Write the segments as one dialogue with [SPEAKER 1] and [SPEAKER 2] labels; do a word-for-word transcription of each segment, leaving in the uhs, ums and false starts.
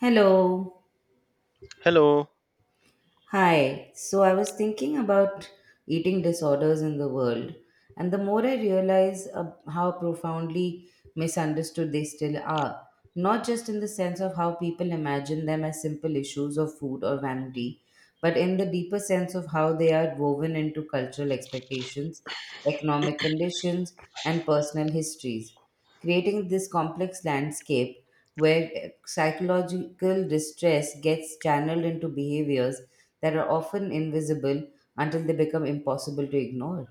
[SPEAKER 1] Hello.
[SPEAKER 2] Hello.
[SPEAKER 1] Hi. So I was thinking about eating disorders in the world, and the more I realize uh, how profoundly misunderstood they still are, not just in the sense of how people imagine them as simple issues of food or vanity, but in the deeper sense of how they are woven into cultural expectations, economic conditions, and personal histories, creating this complex landscape where psychological distress gets channeled into behaviors that are often invisible until they become impossible to ignore.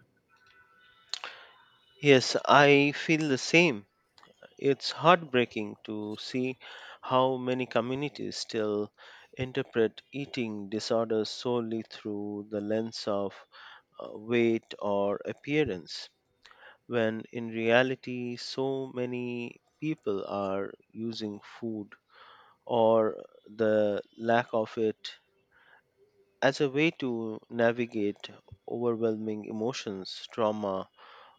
[SPEAKER 2] Yes, I feel the same. It's heartbreaking to see how many communities still interpret eating disorders solely through the lens of uh, weight or appearance, when in reality, so many people are using food or the lack of it as a way to navigate overwhelming emotions, trauma,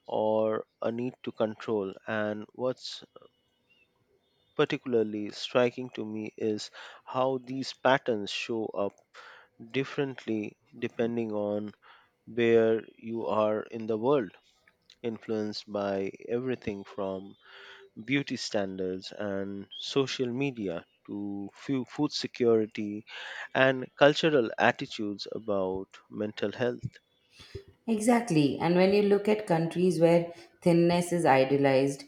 [SPEAKER 2] or a need to control. And what's particularly striking to me is how these patterns show up differently depending on where you are in the world, influenced by everything from beauty standards and social media to fu- food security and cultural attitudes about mental health.
[SPEAKER 1] Exactly. And when you look at countries where thinness is idealized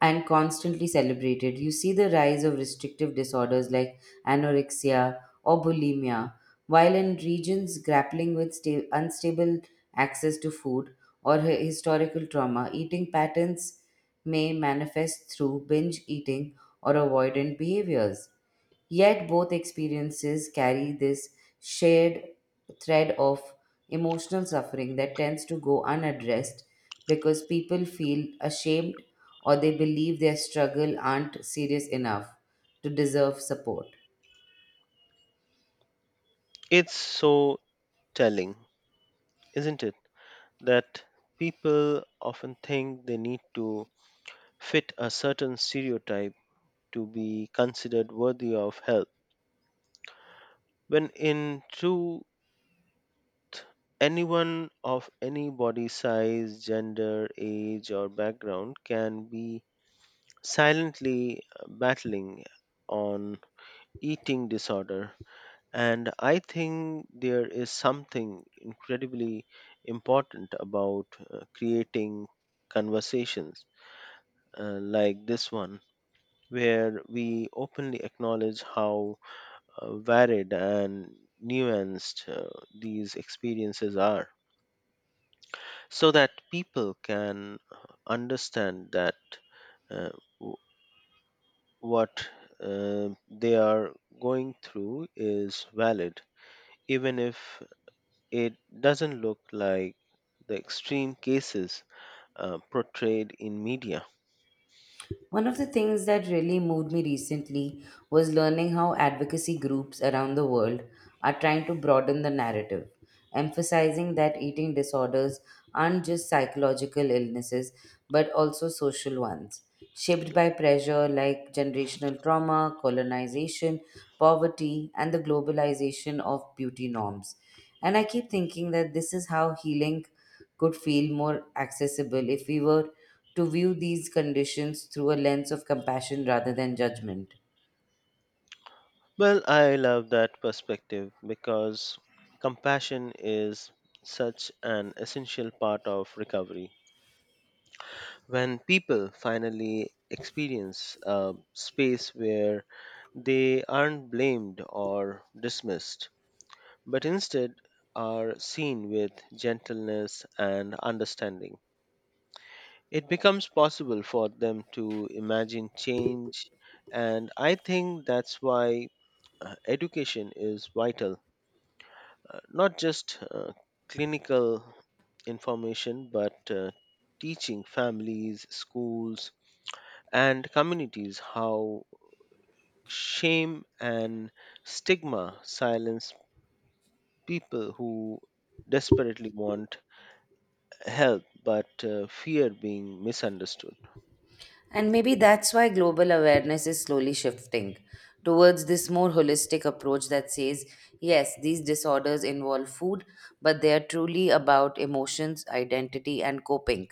[SPEAKER 1] and constantly celebrated, you see the rise of restrictive disorders like anorexia or bulimia, while in regions grappling with sta- unstable access to food or hi- historical trauma, eating patterns may manifest through binge eating or avoidant behaviors. Yet both experiences carry this shared thread of emotional suffering that tends to go unaddressed because people feel ashamed or they believe their struggle aren't serious enough to deserve support.
[SPEAKER 2] It's so telling, isn't it? That people often think they need to fit a certain stereotype to be considered worthy of help, when in truth, anyone of any body size, gender, age, or background can be silently battling on eating disorder. And I think there is something incredibly important about uh, creating conversations uh, like this one, where we openly acknowledge how uh, varied and nuanced uh, these experiences are, so that people can uh, understand that uh, w- what uh, they are going through is valid, even if it doesn't look like the extreme cases uh, portrayed in media.
[SPEAKER 1] One of the things that really moved me recently was learning how advocacy groups around the world are trying to broaden the narrative, emphasizing that eating disorders aren't just psychological illnesses, but also social ones, shaped by pressure like generational trauma, colonization, poverty, and the globalization of beauty norms. And I keep thinking that this is how healing could feel more accessible if we were to view these conditions through a lens of compassion rather than judgment.
[SPEAKER 2] Well, I love that perspective because compassion is such an essential part of recovery. When people finally experience a space where they aren't blamed or dismissed, but instead are seen with gentleness and understanding, it becomes possible for them to imagine change. And I think that's why uh, education is vital, uh, not just uh, clinical information, but uh, teaching families, schools, and communities how shame and stigma silence people who desperately want help but uh, fear being misunderstood.
[SPEAKER 1] And maybe that's why global awareness is slowly shifting towards this more holistic approach that says, yes, these disorders involve food, but they are truly about emotions, identity, and coping.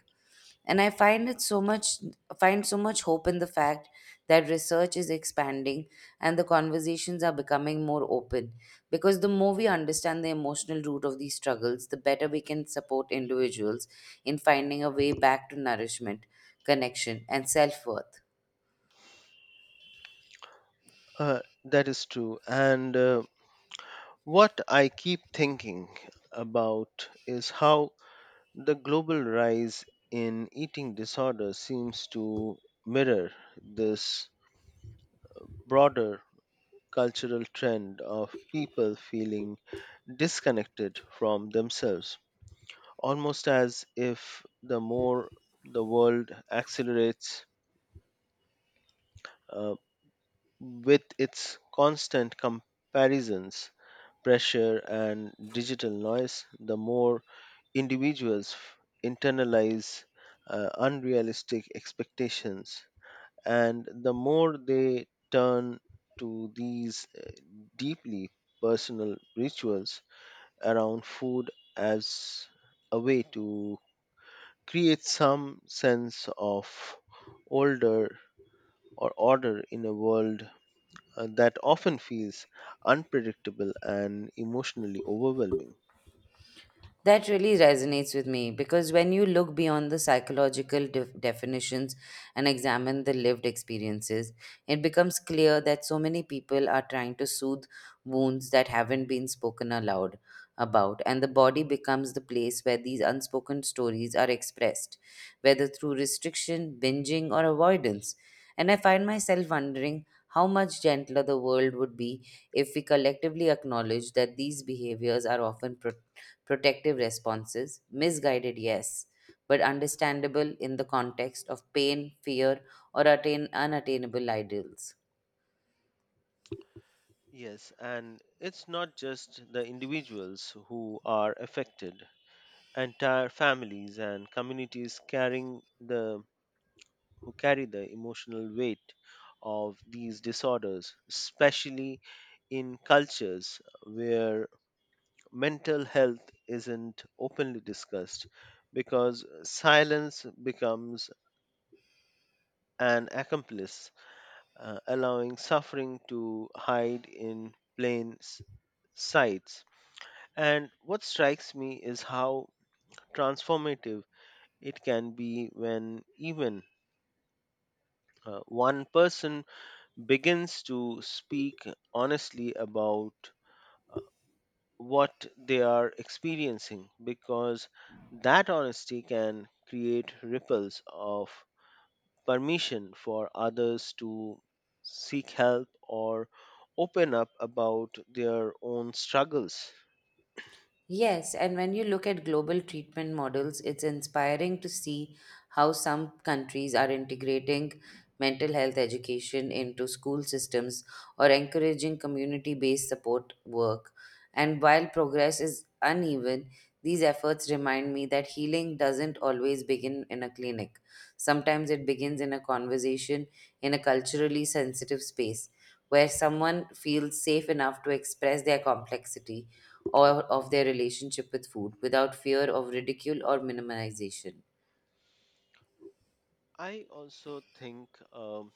[SPEAKER 1] And i find it so much find so much hope in the fact that research is expanding and the conversations are becoming more open, because the more we understand the emotional root of these struggles, the better we can support individuals in finding a way back to nourishment, connection, and self-worth.
[SPEAKER 2] uh, that is true, and uh, what I keep thinking about is how the global rise in eating disorder seems to mirror this broader cultural trend of people feeling disconnected from themselves, almost as if the more the world accelerates uh, with its constant comparisons, pressure, and digital noise, the more individuals f- internalize uh, unrealistic expectations. And the more they turn to these uh, deeply personal rituals around food as a way to create some sense of order, or order in a world uh, that often feels unpredictable and emotionally overwhelming.
[SPEAKER 1] That really resonates with me, because when you look beyond the psychological def- definitions and examine the lived experiences, it becomes clear that so many people are trying to soothe wounds that haven't been spoken aloud about, and the body becomes the place where these unspoken stories are expressed, whether through restriction, binging, or avoidance. And I find myself wondering how much gentler the world would be if we collectively acknowledge that these behaviors are often protected protective responses, misguided, yes, but understandable in the context of pain, fear, or attain unattainable ideals.
[SPEAKER 2] Yes, and it's not just the individuals who are affected. Entire families and communities carrying the who carry the emotional weight of these disorders, especially in cultures where mental health isn't openly discussed, because silence becomes an accomplice, uh, allowing suffering to hide in plain s- sights. And what strikes me is how transformative it can be when even uh, one person begins to speak honestly about uh, what they are experiencing, because that honesty can create ripples of permission for others to seek help or open up about their own struggles.
[SPEAKER 1] Yes, and when you look at global treatment models, it's inspiring to see how some countries are integrating mental health education into school systems or encouraging community based support work. And while progress is uneven, these efforts remind me that healing doesn't always begin in a clinic. Sometimes it begins in a conversation, in a culturally sensitive space where someone feels safe enough to express their complexity or of their relationship with food without fear of ridicule or minimization.
[SPEAKER 2] I also think um,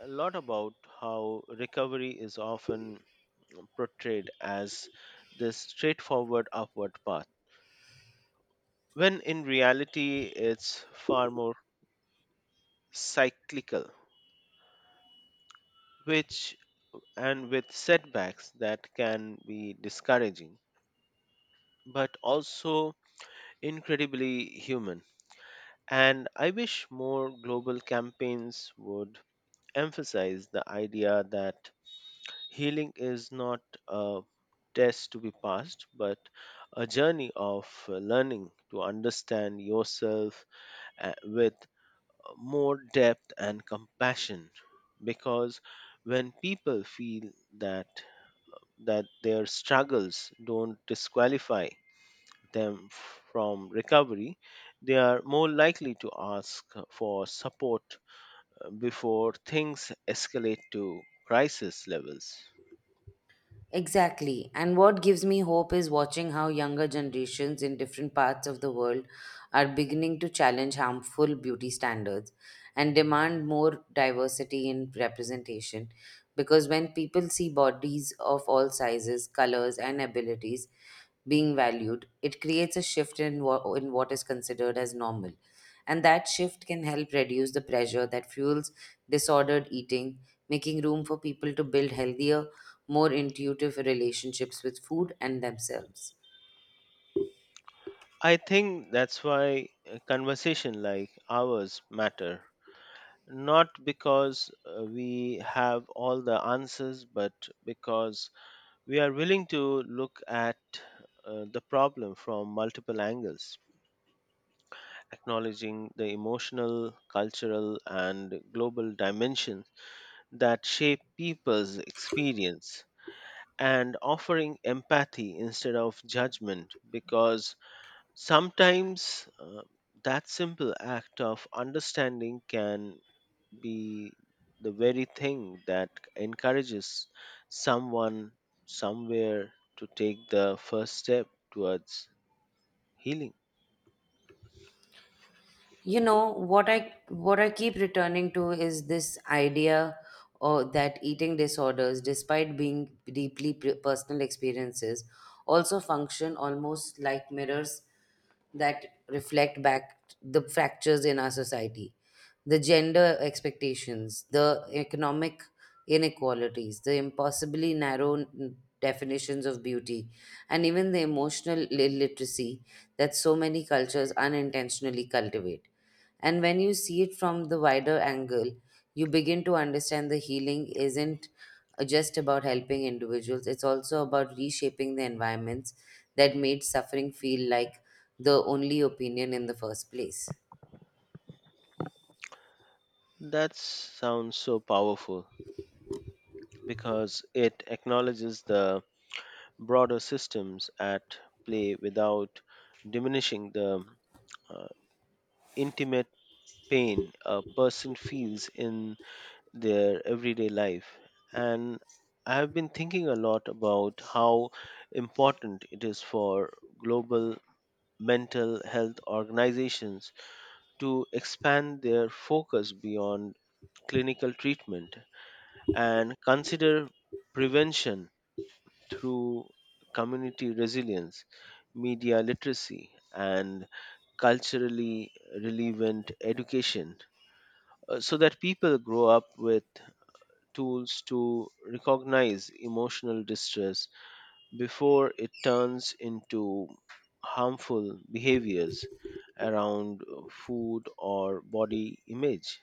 [SPEAKER 2] a lot about how recovery is often portrayed as this straightforward upward path, when in reality it's far more cyclical, which and with setbacks that can be discouraging but also incredibly human. And I wish more global campaigns would emphasize the idea that healing is not a test to be passed, but a journey of uh, learning to understand yourself uh, with more depth and compassion, because when people feel that that their struggles don't disqualify them from recovery, they are more likely to ask for support uh, before things escalate to crisis levels.
[SPEAKER 1] Exactly. And what gives me hope is watching how younger generations in different parts of the world are beginning to challenge harmful beauty standards and demand more diversity in representation. Because when people see bodies of all sizes, colors, and abilities being valued, it creates a shift in, wha- in what is considered as normal. And that shift can help reduce the pressure that fuels disordered eating, making room for people to build healthier, more intuitive relationships with food and themselves.
[SPEAKER 2] I think that's why a conversation like ours matter, not because uh, we have all the answers, but because we are willing to look at uh, the problem from multiple angles, acknowledging the emotional, cultural, and global dimensions that shape people's experience, and offering empathy instead of judgment, because sometimes uh, that simple act of understanding can be the very thing that encourages someone somewhere to take the first step towards healing.
[SPEAKER 1] You know what i what i keep returning to is this idea or that eating disorders, despite being deeply p- personal experiences, also function almost like mirrors that reflect back the fractures in our society, the gender expectations, the economic inequalities, the impossibly narrow n- definitions of beauty, and even the emotional illiteracy that so many cultures unintentionally cultivate. And when you see it from the wider angle, you begin to understand the healing isn't uh, just about helping individuals, it's also about reshaping the environments that made suffering feel like the only opinion in the first place.
[SPEAKER 2] That sounds so powerful because it acknowledges the broader systems at play without diminishing the uh, intimate pain a person feels in their everyday life. And I have been thinking a lot about how important it is for global mental health organizations to expand their focus beyond clinical treatment and consider prevention through community resilience, media literacy, and culturally relevant education, uh, so that people grow up with tools to recognize emotional distress before it turns into harmful behaviors around uh, food or body image.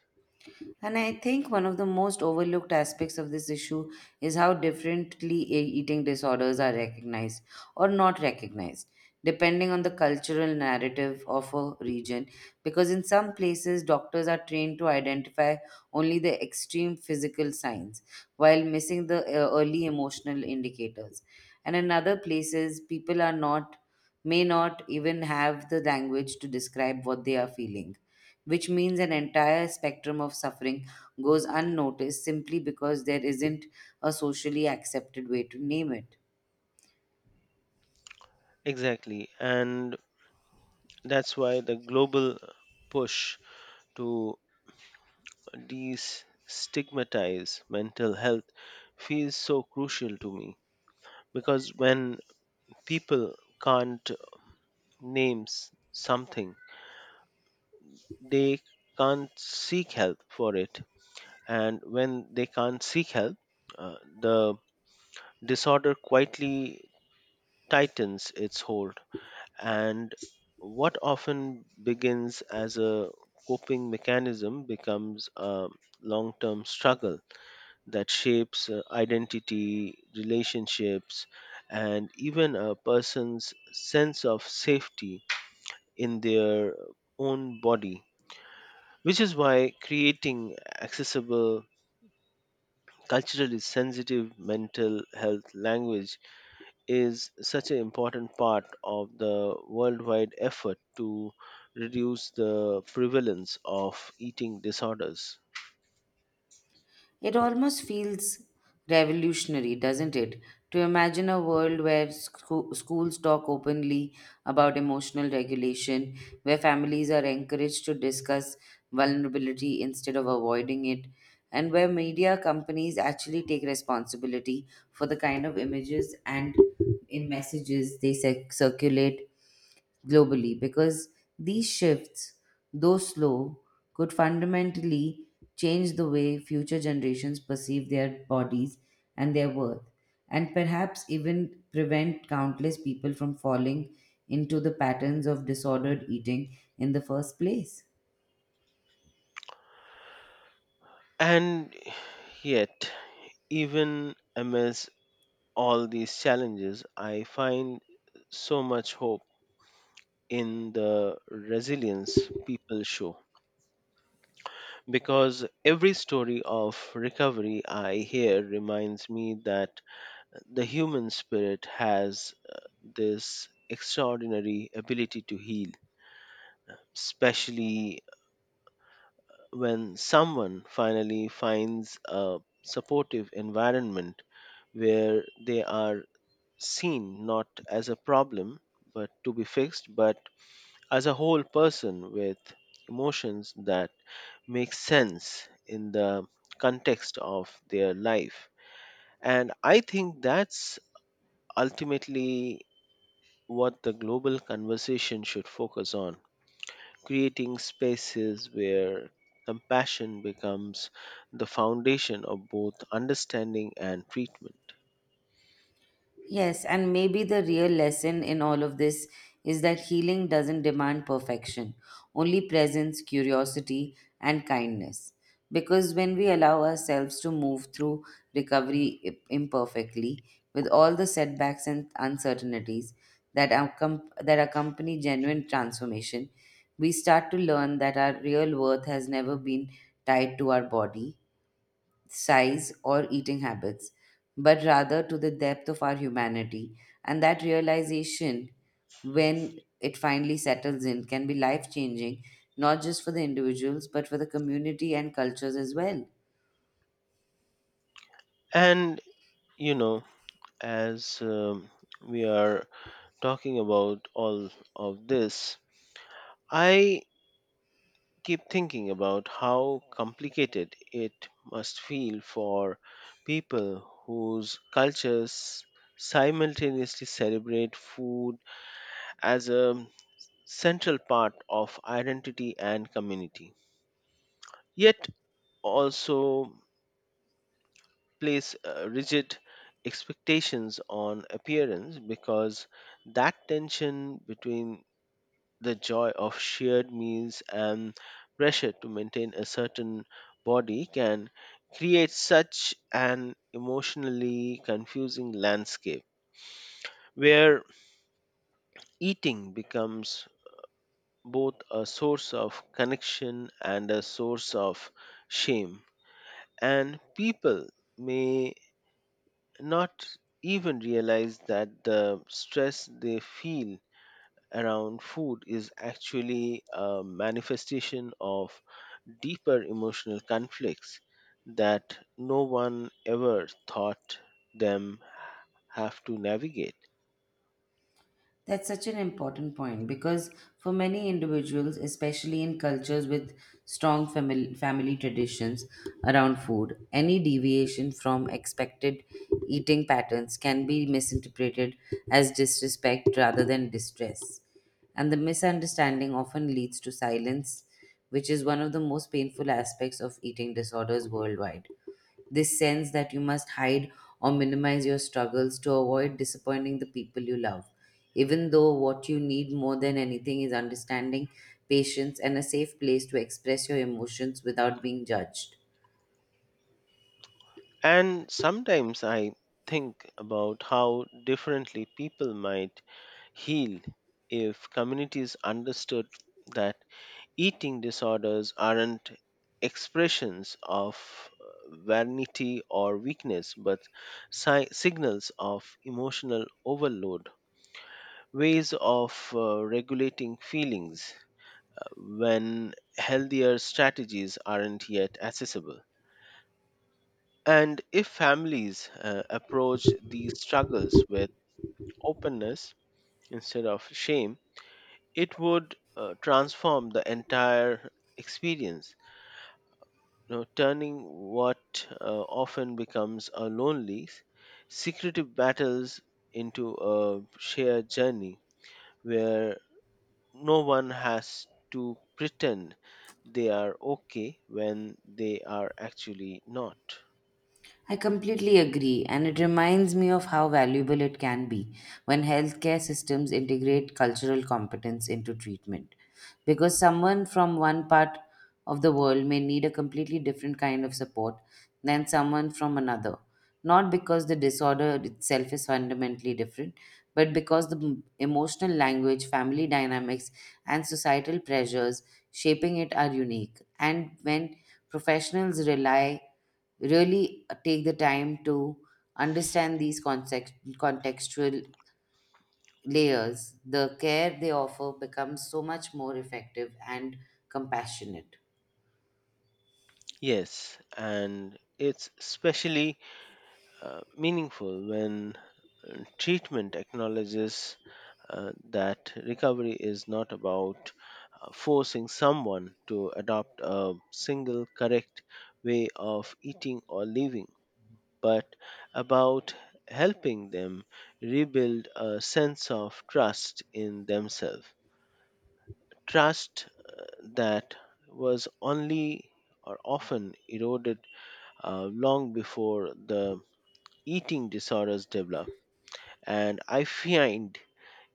[SPEAKER 1] And I think one of the most overlooked aspects of this issue is how differently e- eating disorders are recognized or not recognized, depending on the cultural narrative of a region. Because in some places, doctors are trained to identify only the extreme physical signs while missing the uh, early emotional indicators. And in other places, people are not may not even have the language to describe what they are feeling, which means an entire spectrum of suffering goes unnoticed simply because there isn't a socially accepted way to name it.
[SPEAKER 2] Exactly. And that's why the global push to destigmatize mental health feels so crucial to me, because when people can't name s- something, they can't seek help for it, and when they can't seek help, uh, the disorder quietly tightens its hold. And what often begins as a coping mechanism becomes a long term struggle that shapes uh, identity, relationships, and even a person's sense of safety in their own body, which is why creating accessible, culturally sensitive mental health language is such an important part of the worldwide effort to reduce the prevalence of eating disorders.
[SPEAKER 1] It almost feels revolutionary, doesn't it? To imagine a world where scho- schools talk openly about emotional regulation, where families are encouraged to discuss vulnerability instead of avoiding it, and where media companies actually take responsibility for the kind of images and in messages they circ- circulate globally, because these shifts, though slow, could fundamentally change the way future generations perceive their bodies and their worth, and perhaps even prevent countless people from falling into the patterns of disordered eating in the first place.
[SPEAKER 2] And yet, even amidst all these challenges, I find so much hope in the resilience people show, because every story of recovery I hear reminds me that the human spirit has uh, this extraordinary ability to heal, especially when someone finally finds a supportive environment where they are seen not as a problem but to be fixed, but as a whole person with emotions that make sense in the context of their life. And I think that's ultimately what the global conversation should focus on, creating spaces where compassion becomes the foundation of both understanding and treatment.
[SPEAKER 1] Yes, and maybe the real lesson in all of this is that healing doesn't demand perfection, only presence, curiosity, and kindness. Because when we allow ourselves to move through recovery i- imperfectly, with all the setbacks and uncertainties that, accom- that accompany genuine transformation, we start to learn that our real worth has never been tied to our body size, or eating habits, but rather to the depth of our humanity. And that realization, when it finally settles in, can be life changing, not just for the individuals, but for the community and cultures as well.
[SPEAKER 2] And, you know, as um, we are talking about all of this, I keep thinking about how complicated it must feel for people whose cultures simultaneously celebrate food as a central part of identity and community, yet also place uh, rigid expectations on appearance, because that tension between the joy of shared meals and pressure to maintain a certain body can create such an emotionally confusing landscape where eating becomes both a source of connection and a source of shame, and people may not even realize that the stress they feel around food is actually a manifestation of deeper emotional conflicts that no one ever thought them have to navigate.
[SPEAKER 1] That's such an important point, because for many individuals, especially in cultures with strong family, family traditions around food, any deviation from expected eating patterns can be misinterpreted as disrespect rather than distress. And the misunderstanding often leads to silence, which is one of the most painful aspects of eating disorders worldwide, this sense that you must hide or minimize your struggles to avoid disappointing the people you love, even though what you need more than anything is understanding, patience, and a safe place to express your emotions without being judged.
[SPEAKER 2] And sometimes I think about how differently people might heal if communities understood that eating disorders aren't expressions of uh, vanity or weakness, but si- signals of emotional overload, ways of uh, regulating feelings uh, when healthier strategies aren't yet accessible. And if families uh, approach these struggles with openness instead of shame, it would uh, transform the entire experience, know, turning what uh, often becomes a lonely, secretive battles into a shared journey where no one has to pretend they are okay when they are actually not.
[SPEAKER 1] I completely agree, and it reminds me of how valuable it can be when healthcare systems integrate cultural competence into treatment. Because someone from one part of the world may need a completely different kind of support than someone from another, not because the disorder itself is fundamentally different, but because the m- emotional language, family dynamics, and societal pressures shaping it are unique. And when professionals rely, really uh, take the time to understand these concept, contextual layers, the care they offer becomes so much more effective and compassionate.
[SPEAKER 2] Yes, and it's especially uh, meaningful when uh, treatment acknowledges uh, that recovery is not about forcing someone to adopt a single correct way of eating or living, but about helping them rebuild a sense of trust in themselves. Trust that was only or often eroded uh, long before the eating disorders develop. And I find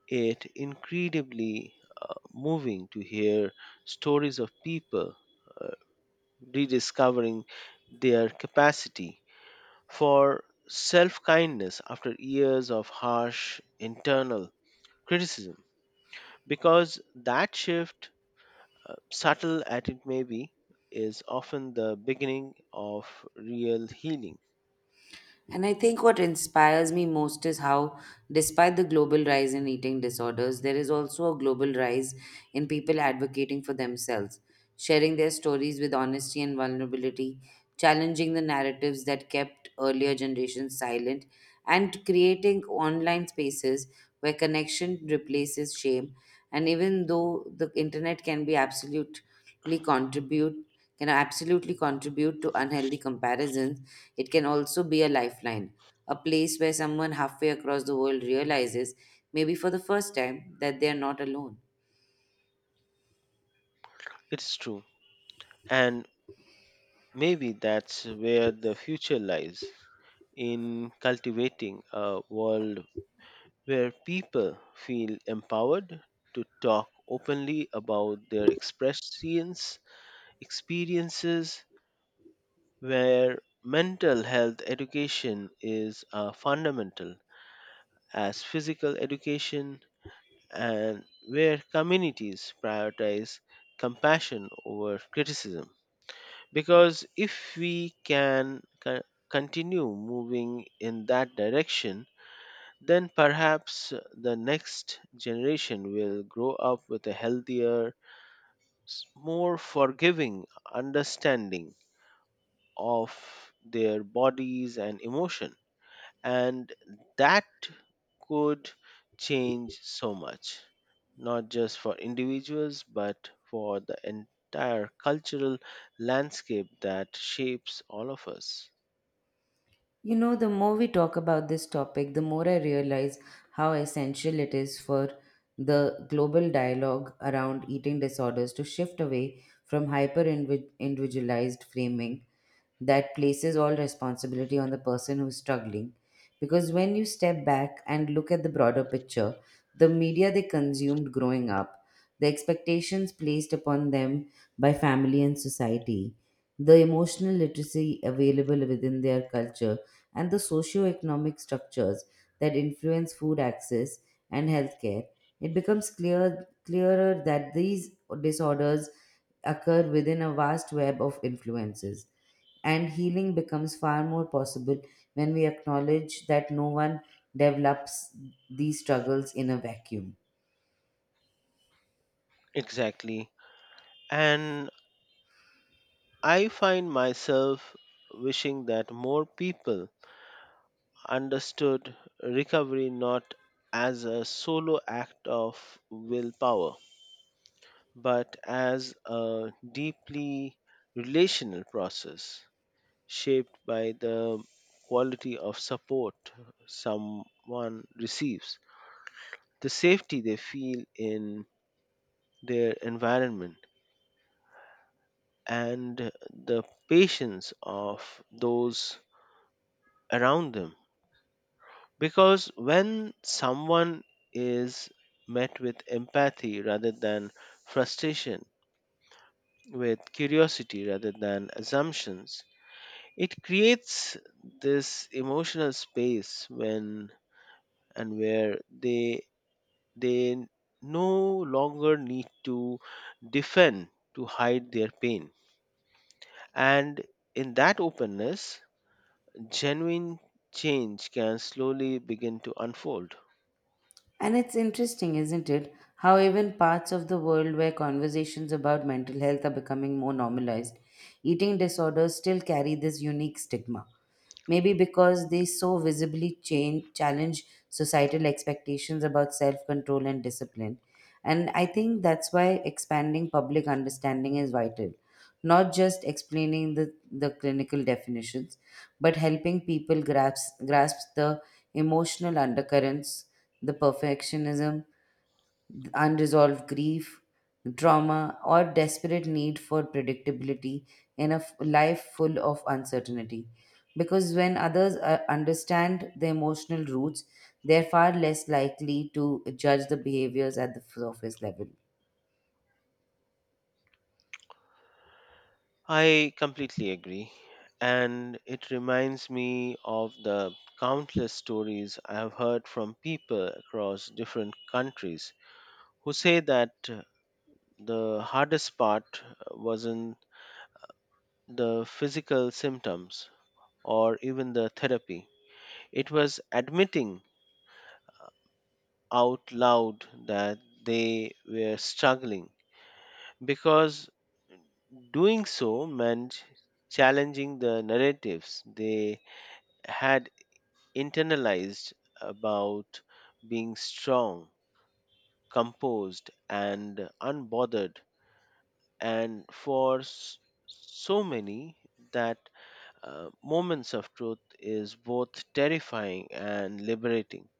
[SPEAKER 2] it incredibly uh, moving to hear stories of people uh, rediscovering their capacity for self kindness after years of harsh internal criticism. Because that shift, uh, subtle as it may be, is often the beginning of real healing.
[SPEAKER 1] And I think what inspires me most is how, despite the global rise in eating disorders, there is also a global rise in people advocating for themselves, sharing their stories with honesty and vulnerability, challenging the narratives that kept earlier generations silent, and creating online spaces where connection replaces shame. And even though the internet can be absolute contribute can absolutely contribute to unhealthy comparisons, it can also be a lifeline, a place where someone halfway across the world realizes, maybe for the first time, that they are not alone.
[SPEAKER 2] It's true. And maybe that's where the future lies, in cultivating a world where people feel empowered to talk openly about their expressions, experiences, where mental health education is a fundamental as physical education, and where communities prioritize compassion over criticism. Because if we can co- continue moving in that direction, then perhaps the next generation will grow up with a healthier, s- more forgiving understanding of their bodies and emotion. And that could change so much, not just for individuals, but for the entire cultural landscape that shapes all of us.
[SPEAKER 1] You know, the more we talk about this topic, the more I realize how essential it is for the global dialogue around eating disorders to shift away from hyper invi- individualized framing that places all responsibility on the person who's struggling. Because when you step back and look at the broader picture, the media they consumed growing up, the expectations placed upon them by family and society, the emotional literacy available within their culture, and the socio-economic structures that influence food access and healthcare, it becomes clear, clearer that these disorders occur within a vast web of influences, and healing becomes far more possible when we acknowledge that no one develops these struggles in a vacuum.
[SPEAKER 2] Exactly. And I find myself wishing that more people understood recovery not as a solo act of willpower, but as a deeply relational process shaped by the quality of support someone receives, the safety they feel in their environment, and the patience of those around them. Because when someone is met with empathy rather than frustration, with curiosity rather than assumptions, it creates this emotional space when and where they they no longer need to defend to hide their pain, and in that openness, genuine change can slowly begin to unfold.
[SPEAKER 1] And it's interesting, isn't it, how even parts of the world where conversations about mental health are becoming more normalized, eating disorders still carry this unique stigma, maybe because they so visibly change, challenge societal expectations about self control and discipline. And I think that's why expanding public understanding is vital, not just explaining the, the clinical definitions, but helping people grasp, grasp the emotional undercurrents, the perfectionism, unresolved grief, trauma, or desperate need for predictability in a f- life full of uncertainty. Because when others uh, understand the emotional roots, they're far less likely to judge the behaviors at the surface level.
[SPEAKER 2] I completely agree. And it reminds me of the countless stories I have heard from people across different countries who say that uh, the hardest part uh, wasn't the physical symptoms or even the therapy. It was admitting out loud that they were struggling, because doing so meant challenging the narratives they had internalized about being strong, composed, and unbothered. And for s- so many, that uh, moments of truth is both terrifying and liberating,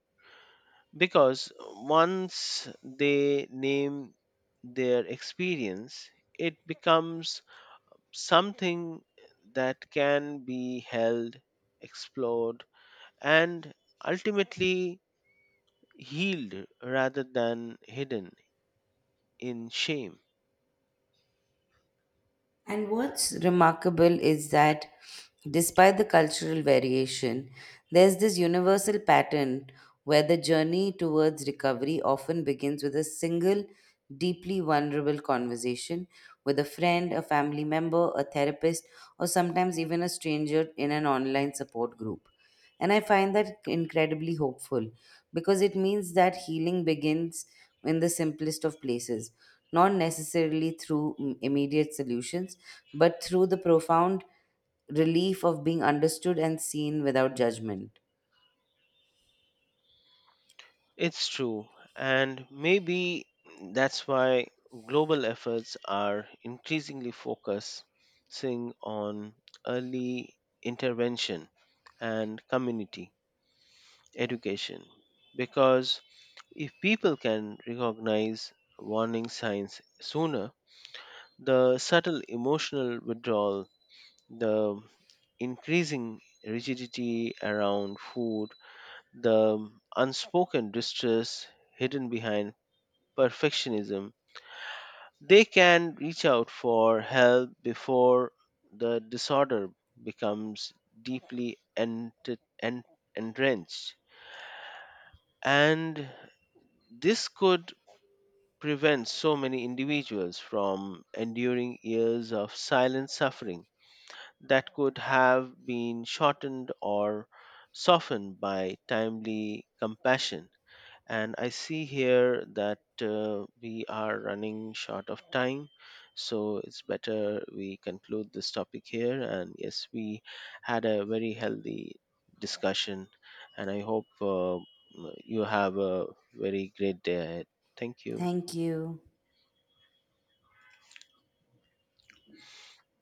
[SPEAKER 2] because once they name their experience, it becomes something that can be held, explored, and ultimately healed rather than hidden in shame.
[SPEAKER 1] And what's remarkable is that despite the cultural variation, there's this universal pattern where the journey towards recovery often begins with a single, deeply vulnerable conversation with a friend, a family member, a therapist, or sometimes even a stranger in an online support group. And I find that incredibly hopeful, because it means that healing begins in the simplest of places, not necessarily through mm, immediate solutions, but through the profound relief of being understood and seen without judgment.
[SPEAKER 2] It's true, and maybe that's why global efforts are increasingly focusing on early intervention and community education, because if people can recognize warning signs sooner, the subtle emotional withdrawal, the increasing rigidity around food, the unspoken distress hidden behind perfectionism. They can reach out for help before the disorder becomes deeply ent- en- entrenched. And this could prevent so many individuals from enduring years of silent suffering that could have been shortened or softened by timely compassion. And I see here that uh, we are running short of time. So it's better we conclude this topic here. And yes, we had a very healthy discussion, and I hope uh, you have a very great day ahead. Thank you.
[SPEAKER 1] Thank you.